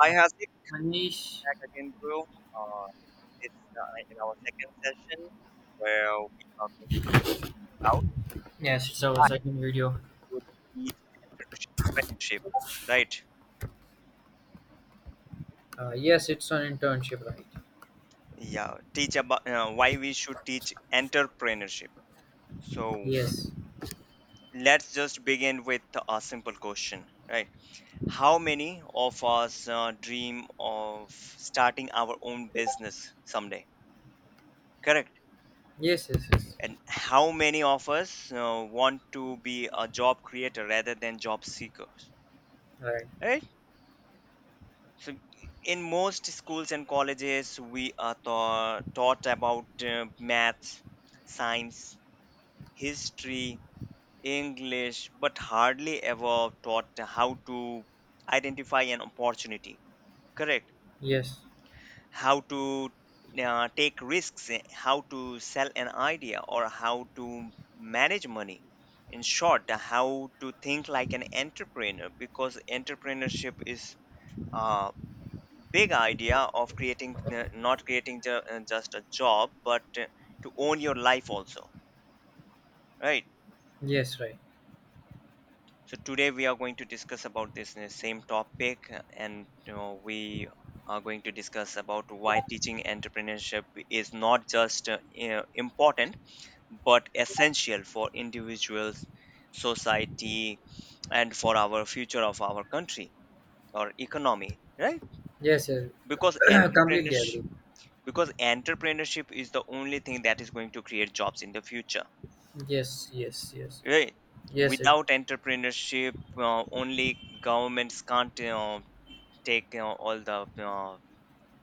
Hi, Uh, Hasik, Manish. back again, bro. It's in our second session where we are going to talk Yes, it's our about why second video. we should teach entrepreneurship, right? Yes, it's an internship, right? Yeah, teach about why we should teach entrepreneurship. So Yes. let's just begin with a simple question, right? How many of us dream of starting our own business someday? Correct. Yes, yes, yes. And how many of us want to be a job creator rather than job seekers, Right. right? So in most schools and colleges we are taught about maths, science, history, english, but hardly ever taught how to identify an opportunity, correct, Yes. how to take risks, how to sell an idea, or how to manage money. In short, how to think like an entrepreneur, because entrepreneurship is a big idea of creating, not creating ju- just a job, but to own your life also, right? Yes, right. So today we are going to discuss about this same topic, we are going to discuss about why teaching entrepreneurship is not just important but essential for individuals, society, and for our future of our country or economy, right? Yes, yes. Because Completely agree. entrepreneurship, because entrepreneurship is the only thing that is going to create jobs in the future, Yes, yes, yes. right? Yes, it. Without entrepreneurship, only governments can't. You take, all the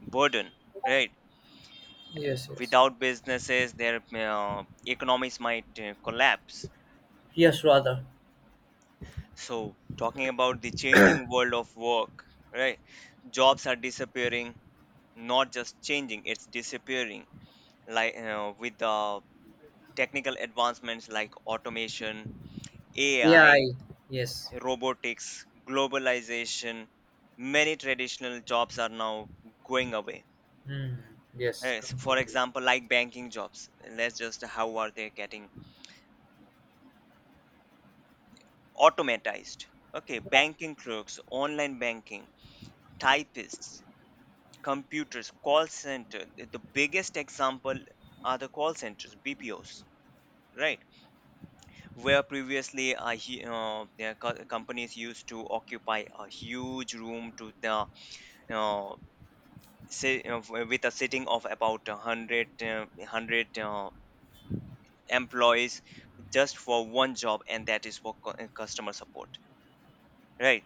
burden, right? Yes, yes. Without businesses, their uh, economies might collapse. Yes, rather. So talking about the changing world of work, right, jobs are disappearing, not just changing, it's disappearing, like, with the technical advancements like automation, Yeah, ai, I. Yes. robotics, globalization, many traditional jobs are now going away. Hmm. Yes, So for completely. example, like banking jobs, let's just how are they getting automatized? Okay, banking clerks, online banking, typists, computers, call center. The biggest example are the call centers, BPOs, right? Where previously companies used to occupy a huge room to the uh, say, with a sitting of about 100, 100 employees just for one job, and that is for customer support, right,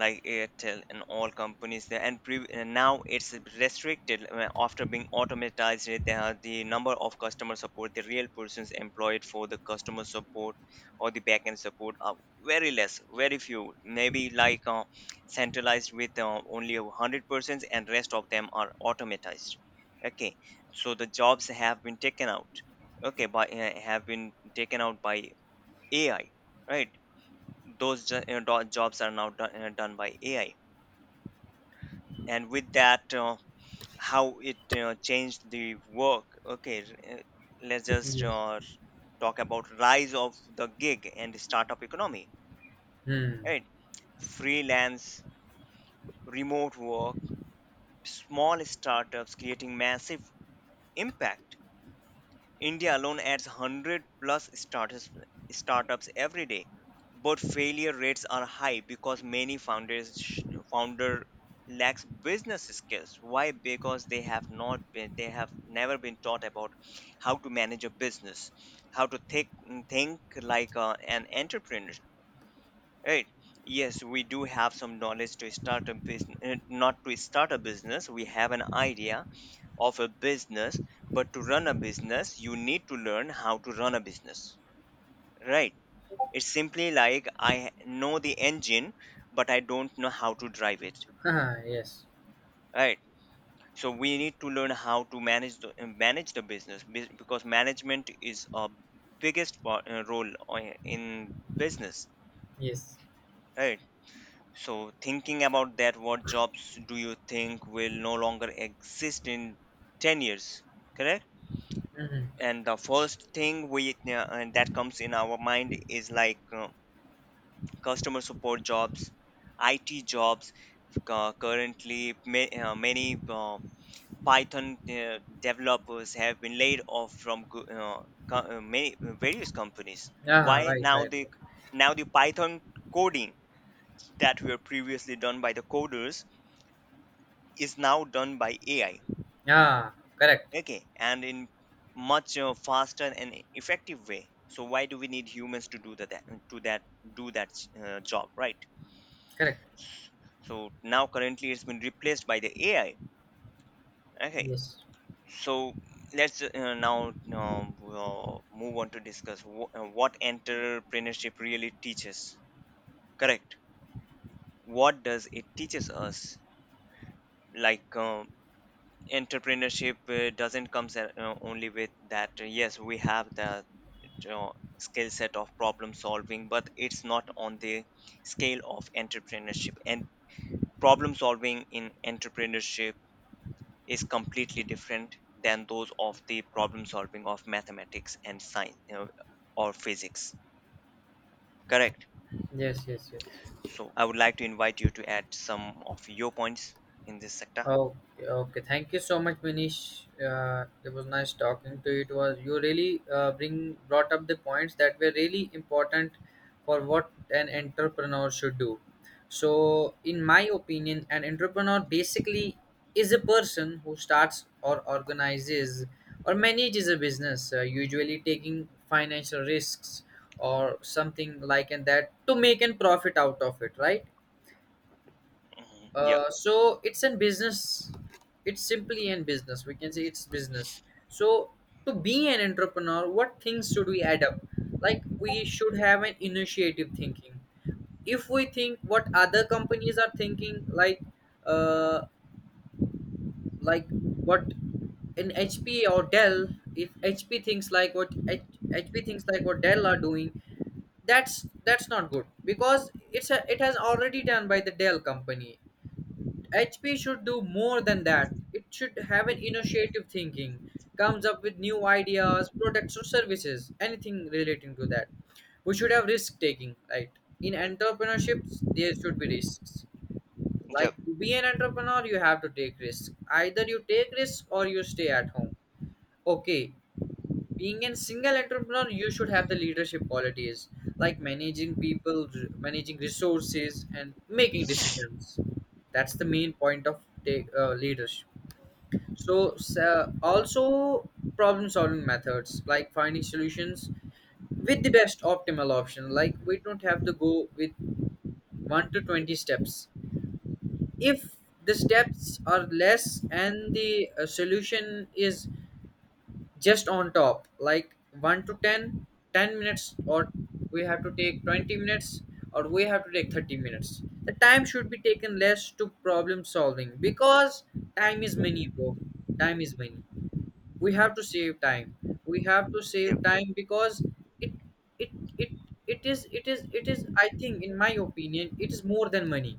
like Airtel and all companies there. And now it's restricted after being automatized. They have the number of customer support, the real persons employed for the customer support or the backend support are very less, very few. Maybe like centralized with only a hundred persons, and rest of them are automatized. Okay, so the jobs have been taken out. Okay, by have been taken out by AI, right? Those jobs are now done, done by AI, and with that how it changed the work. Okay, uh, let's just Yes. Talk about rise of the gig and startup economy, Hmm. right, freelance, remote work, small startups creating massive impact. India alone adds 100 plus startups every day, but failure rates are high because many founders founder lacks business skills. Why? Because they have never been taught about how to manage a business, how to think like an entrepreneur. Right? Yes, we do have some knowledge to start a business, not to start a business. We have an idea of a business, but to run a business you need to learn how to run a business, right? It's simply like I know the engine but I don't know how to drive it, Ah, yes. right? So we need to learn how to manage the business because management is a biggest part, role in business, Yes. right? So thinking about that, what jobs do you think will no longer exist in 10 years, correct? Mm-hmm. And the first thing we that comes in our mind is like, customer support jobs, it jobs, currently many python developers have been laid off from many, various companies. Ah, Why? right, now right, the right. now the python coding that were previously done by the coders is now done by ai, Ah, correct. okay, and in much faster and effective way. So why do we need humans to do that to that do that job, right? Correct. So now currently it's been replaced by the ai, okay. Yes. So let's now, we'll move on to discuss what entrepreneurship really teaches, correct, what does it teaches us? Like, entrepreneurship doesn't comes at, only with that, yes we have the, you know, skill set of problem solving, but it's not on the scale of entrepreneurship. And problem solving in entrepreneurship is completely different than those of the problem solving of mathematics and science, or physics. Correct. Yes, yes, yes. So I would like to invite you to add some of your points in this sector. Okay, okay. Thank you so much, Manish. It was nice talking to you. It was you really bring brought up the points that were really important for what an entrepreneur should do. So, in my opinion, an entrepreneur basically is a person who starts or organizes or manages a business, usually taking financial risks or something like and that to make and profit out of it, right? Mhm. Yep. So it's in business, it's simply in business, we can say it's business. So, to be an entrepreneur, what things should we add up? Like, we should have an initiative thinking. If we think what other companies are thinking, uh like what, in HP or dell, if HP thinks like what HP thinks, like what dell are doing, that's not good, because it has already done by the dell company. HP should do more than that. It should have an innovative thinking, comes up with new ideas, products or services, anything relating to that. We should have risk taking, right? In entrepreneurships, there should be risks. Yep. Like, to be an entrepreneur, you have to take risks. Either you take risks or you stay at home. Okay, being a single entrepreneur, you should have the leadership qualities, like managing people, managing resources and making decisions. That's the main point of take, leadership. So also problem solving methods, like finding solutions with the best optimal option. Like, we don't have to go with 1 to 20 steps. If the steps are less and the solution is just on top, like 1 to 10, 10 minutes, or we have to take 20 minutes, or we have to take 30 minutes. The time should be taken less to problem solving, because time is money, bro. Time is money. We have to save time. We have to Yep. save time, because it it it it is it is it is I think, in my opinion, it is more than money.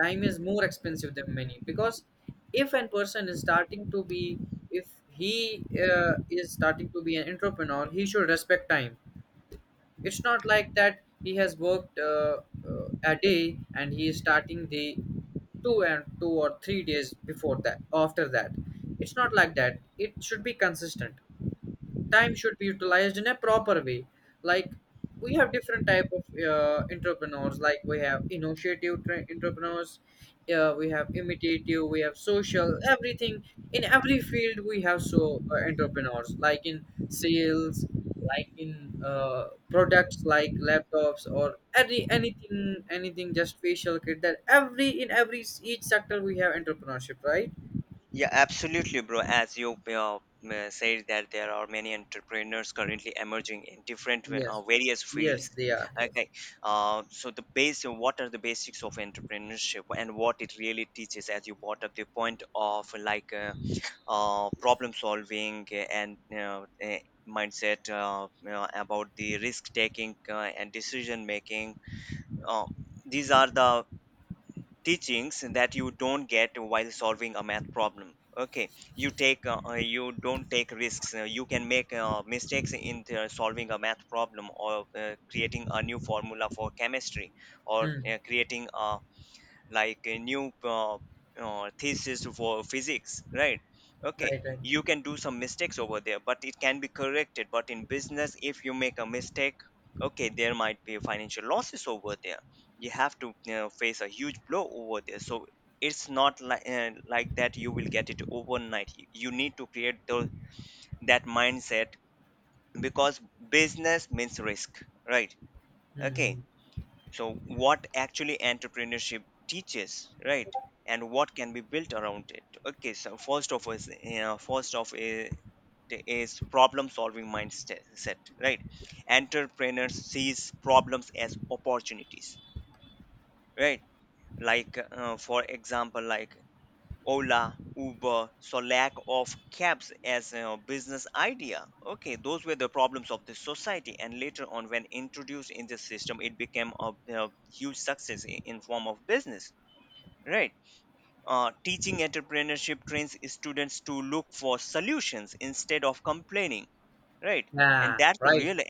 Time is more expensive than money, because if a person is starting to be, if he is starting to be an entrepreneur, he should respect time. It's not like that he has worked a day and he is starting the 2 and 2 or 3 days before that, after that. It's not like that. It should be consistent. Time should be utilized in a proper way. Like, we have different type of entrepreneurs. Like, we have initiative entrepreneurs, we have imitative, we have social, everything. In every field we have, so entrepreneurs, like in sales, like in products, like laptops or anything, just facial kit, that every, in every each sector we have entrepreneurship, right? Yeah, absolutely, bro. As you said that there are many entrepreneurs currently emerging in different Yes, various yes fields. they are, yes. Okay, so the base, what are the basics of entrepreneurship and what it really teaches? As you brought up the point of like problem solving and mindset, about the risk taking and decision making. Uh, these are the teachings that you don't get while solving a math problem. Okay, you don't take risks, you can make mistakes in the solving a math problem or creating a new formula for chemistry or Hmm. Creating a like a new thesis for physics, right? Okay, Right, right. you can do some mistakes over there, but it can be corrected. But in business, if you make a mistake, okay, there might be financial losses over there, you have to you face a huge blow over there. So it's not like like that you will get it overnight, you need to create those that mindset, because business means risk, right? Okay, Hmm. so what actually entrepreneurship teaches, right, and what can be built around it? Okay, so first of all is, is problem solving mindset, right? Entrepreneurs sees problems as opportunities, right, like for example like Ola, Uber, so lack of cabs as a business idea. Okay, those were the problems of the society, and later on, when introduced in the system, it became a huge success in form of business. Right? Teaching entrepreneurship trains students to look for solutions instead of complaining. Right? And Yeah, that's the right. real, e-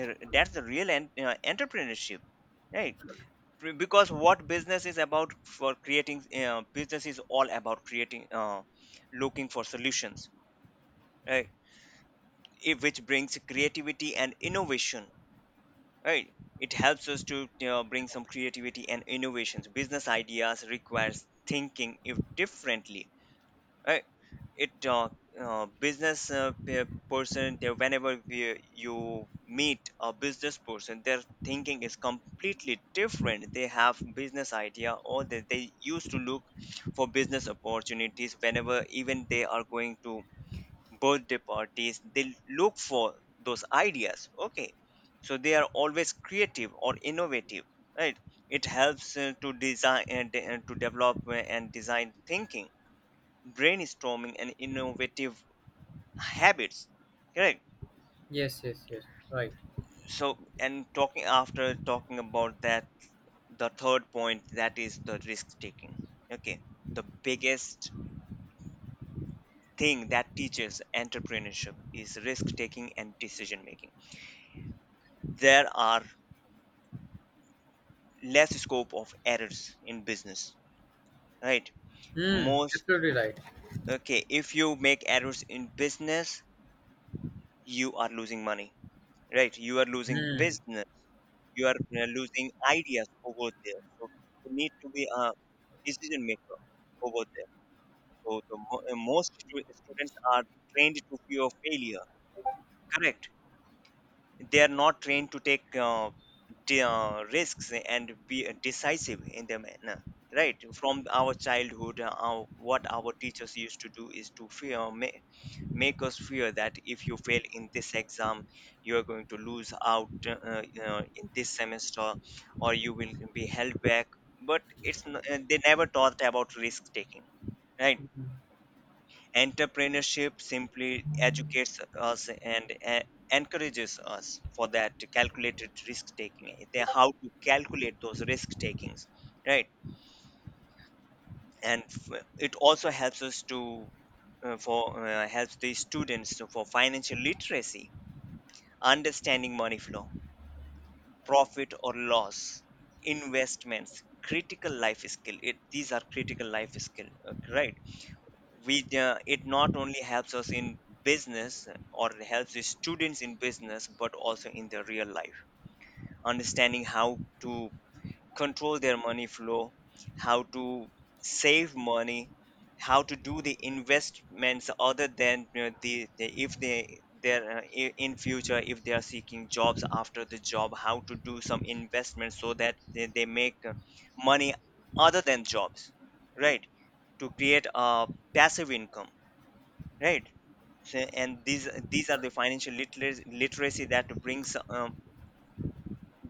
er, that's the real entrepreneurship. Right? Because what business is about for creating business is all about creating looking for solutions, right? Which brings creativity and innovation, right? It helps us to, bring some creativity and innovations. Business ideas requires thinking if differently, right? it business pe- person they- whenever you meet a business person, their thinking is completely different. They have business idea or they used to look for business opportunities whenever, even they are going to birthday parties they look for those ideas. Okay, so they are always creative or innovative, right? It helps to design and to develop and design thinking, brainstorming and innovative habits, correct. Yes, yes, yes. Right. So, and talking after talking about that, the third point that is the risk taking. Okay, the biggest thing that teaches entrepreneurship is risk taking and decision making. There are less scope of errors in business, right? Hmm. Most, Absolutely right. okay, if you make errors in business, you are losing money, right? You are losing Hmm. business, you are losing ideas over there. So you need to be a decision maker over there. So the most students are trained to fear failure. Correct. They are not trained to take risks and be decisive in their manner. Right. From our childhood, what our teachers used to do is to fear, make us fear that if you fail in this exam you are going to lose out, in this semester or you will be held back. But they never taught about risk taking, right? Entrepreneurship simply educates us and encourages us for that calculated risk taking, they how to calculate those risk takings, right? And it also helps us to for helps the students for financial literacy, understanding money flow, profit or loss, investments, critical life skill. These are critical life skill, right? We It not only helps us in business or helps the students in business, but also in their real life. Understanding how to control their money flow, how to save money, how to do the investments, other than, the if in future if they are seeking jobs after the job, how to do some investments so that they make money other than jobs, right? To create a passive income, right? So, and these are the financial literacy that brings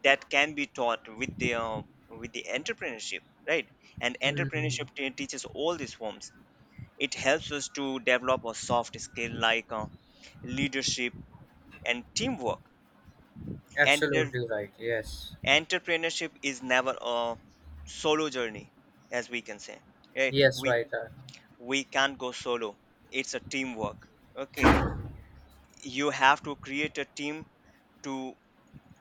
that can be taught with the entrepreneurship, right? And Hmm. entrepreneurship teaches all these forms. It helps us to develop a soft skill like leadership and teamwork. Enter- Absolutely right. Yes. Entrepreneurship is never a solo journey, as we can say, right? Yes. we Right. We can't go solo, it's a teamwork, okay. You have to create a team to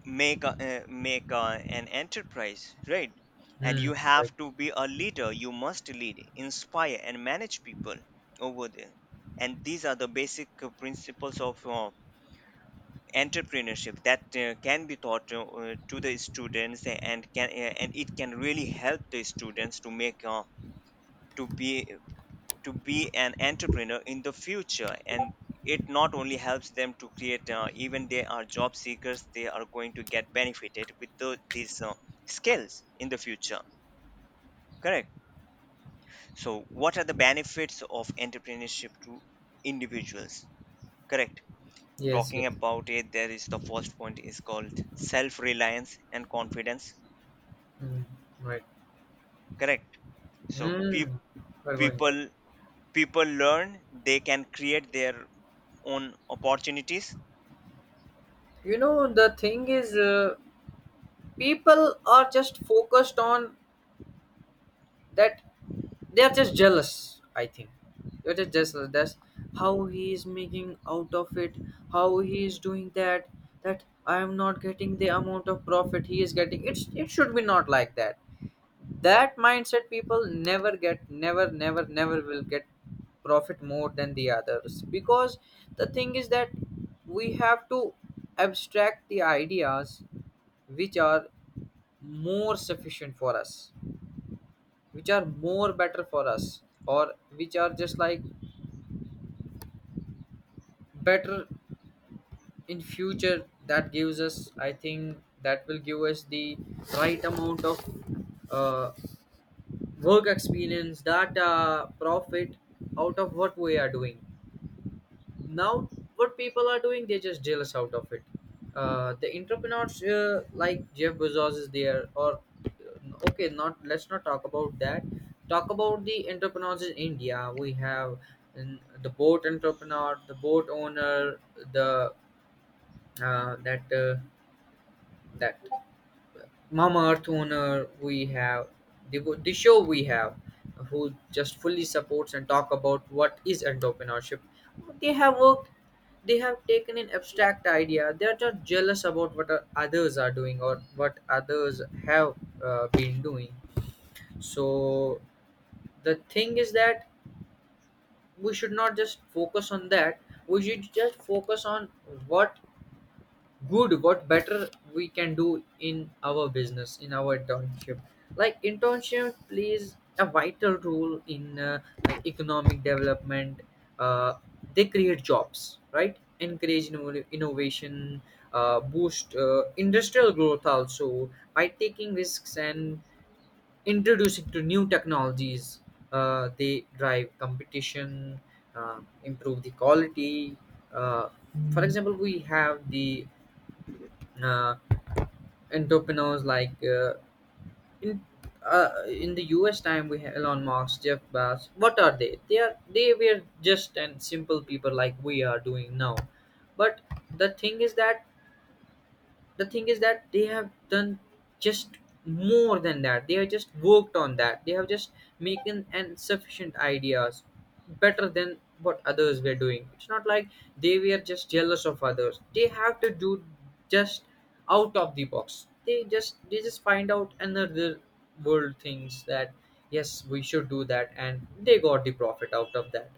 make an enterprise, right? And Hmm. you Right. have to be a leader, you must lead, inspire and manage people over there. And these are the basic principles of entrepreneurship that can be taught to the students, and can and it can really help the students to make to be to be an entrepreneur in the future. And it not only helps them to create, even they are job seekers, they are going to get benefited with these skills in the future, correct. So what are the benefits of entrepreneurship to individuals, correct? Yes. Yes. Talking about it, there is the first point is called self reliance and confidence, Hmm. Right. correct. So pe- Hmm. We're going right. people people learn they can create their own opportunities. You know, the thing is, people are just focused on that. They're just jealous, I think. They're just jealous. That's how he is making out of it, how he is doing that, that I am not getting the amount of profit he is getting. It should be not like that. That mindset people never get; never, never, never will get profit more than the others. Because the thing is that we have to abstract the ideas which are more sufficient for us, which are more better for us, or which are just like better in future. That gives us, I think, that will give us the right amount of uh, work experience, data, profit out of what we are doing now. What people are doing, they just jealous out of it. The entrepreneurs, like Jeff Bezos is there, or okay, not, let's not talk about that. Talk about the entrepreneurs in India. We have the boat entrepreneur, the boat owner, the that that Mama Earth owner, we have the show, we have, who just fully supports and talk about what is entrepreneurship. They have worked, they have taken an abstract idea. They are not jealous about what others are doing or what others have been doing. So the thing is that we should not just focus on that. We should just focus on what what better we can do in our business, in our internship. Like, internship plays a vital role in like economic development. uh, they create jobs, right? Encourage innovation, boost industrial growth also by taking risks and introducing to new technologies. They drive competition, improve the quality. uh, for example, we have the uh, entrepreneurs like in in the US time we have Elon Musk, Jeff Bezos. What are they? They are they were just and simple people, like we are doing now. But the thing is that the thing is that they have done just more than that. They have just worked on that. They have just making an sufficient ideas better than what others were doing. It's not like they were just jealous of others. They have to do just out of the box. They just, find out another world things, that, yes, we should do that, and they got the profit out of that.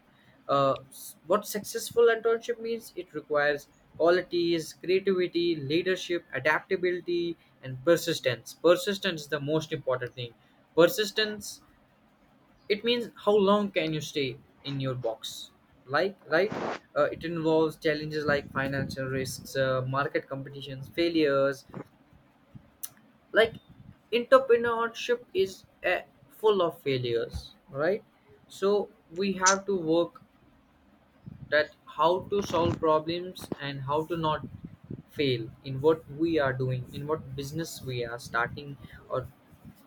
What successful internship means, it requires qualities: creativity, leadership, adaptability and persistence. Persistence is the most important thing. Persistence, it means how long can you stay in your box, like, right. It involves challenges like financial risks, market competitions, failures. Like, entrepreneurship is full of failures, right? So we have to work that, how to solve problems and how to not fail in what we are doing, in what business we are starting, or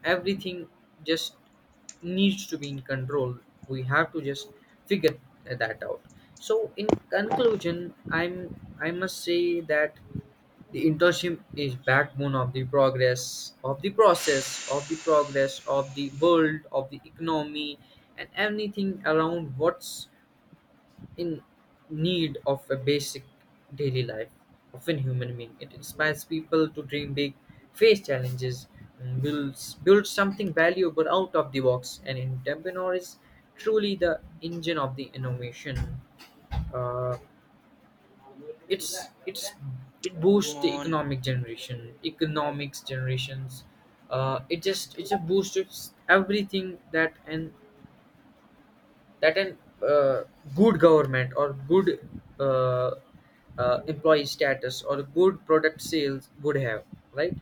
everything just needs to be in control. We have to just figure that out. So, in conclusion, I must say that the internship is backbone of the progress, of the process, of the progress of the world, of the economy, and anything around what's in need of a basic daily life, often human being. It inspires people to dream big, face challenges, and build something valuable out of the box. And entrepreneur is truly the engine of the innovation. Uh, it's it's it Come boosts the on. economic generation, economics generations. Uh, it End just the it's a call. boost. It's everything that an uh, good government or good uh, employee status or good product sales would have, right?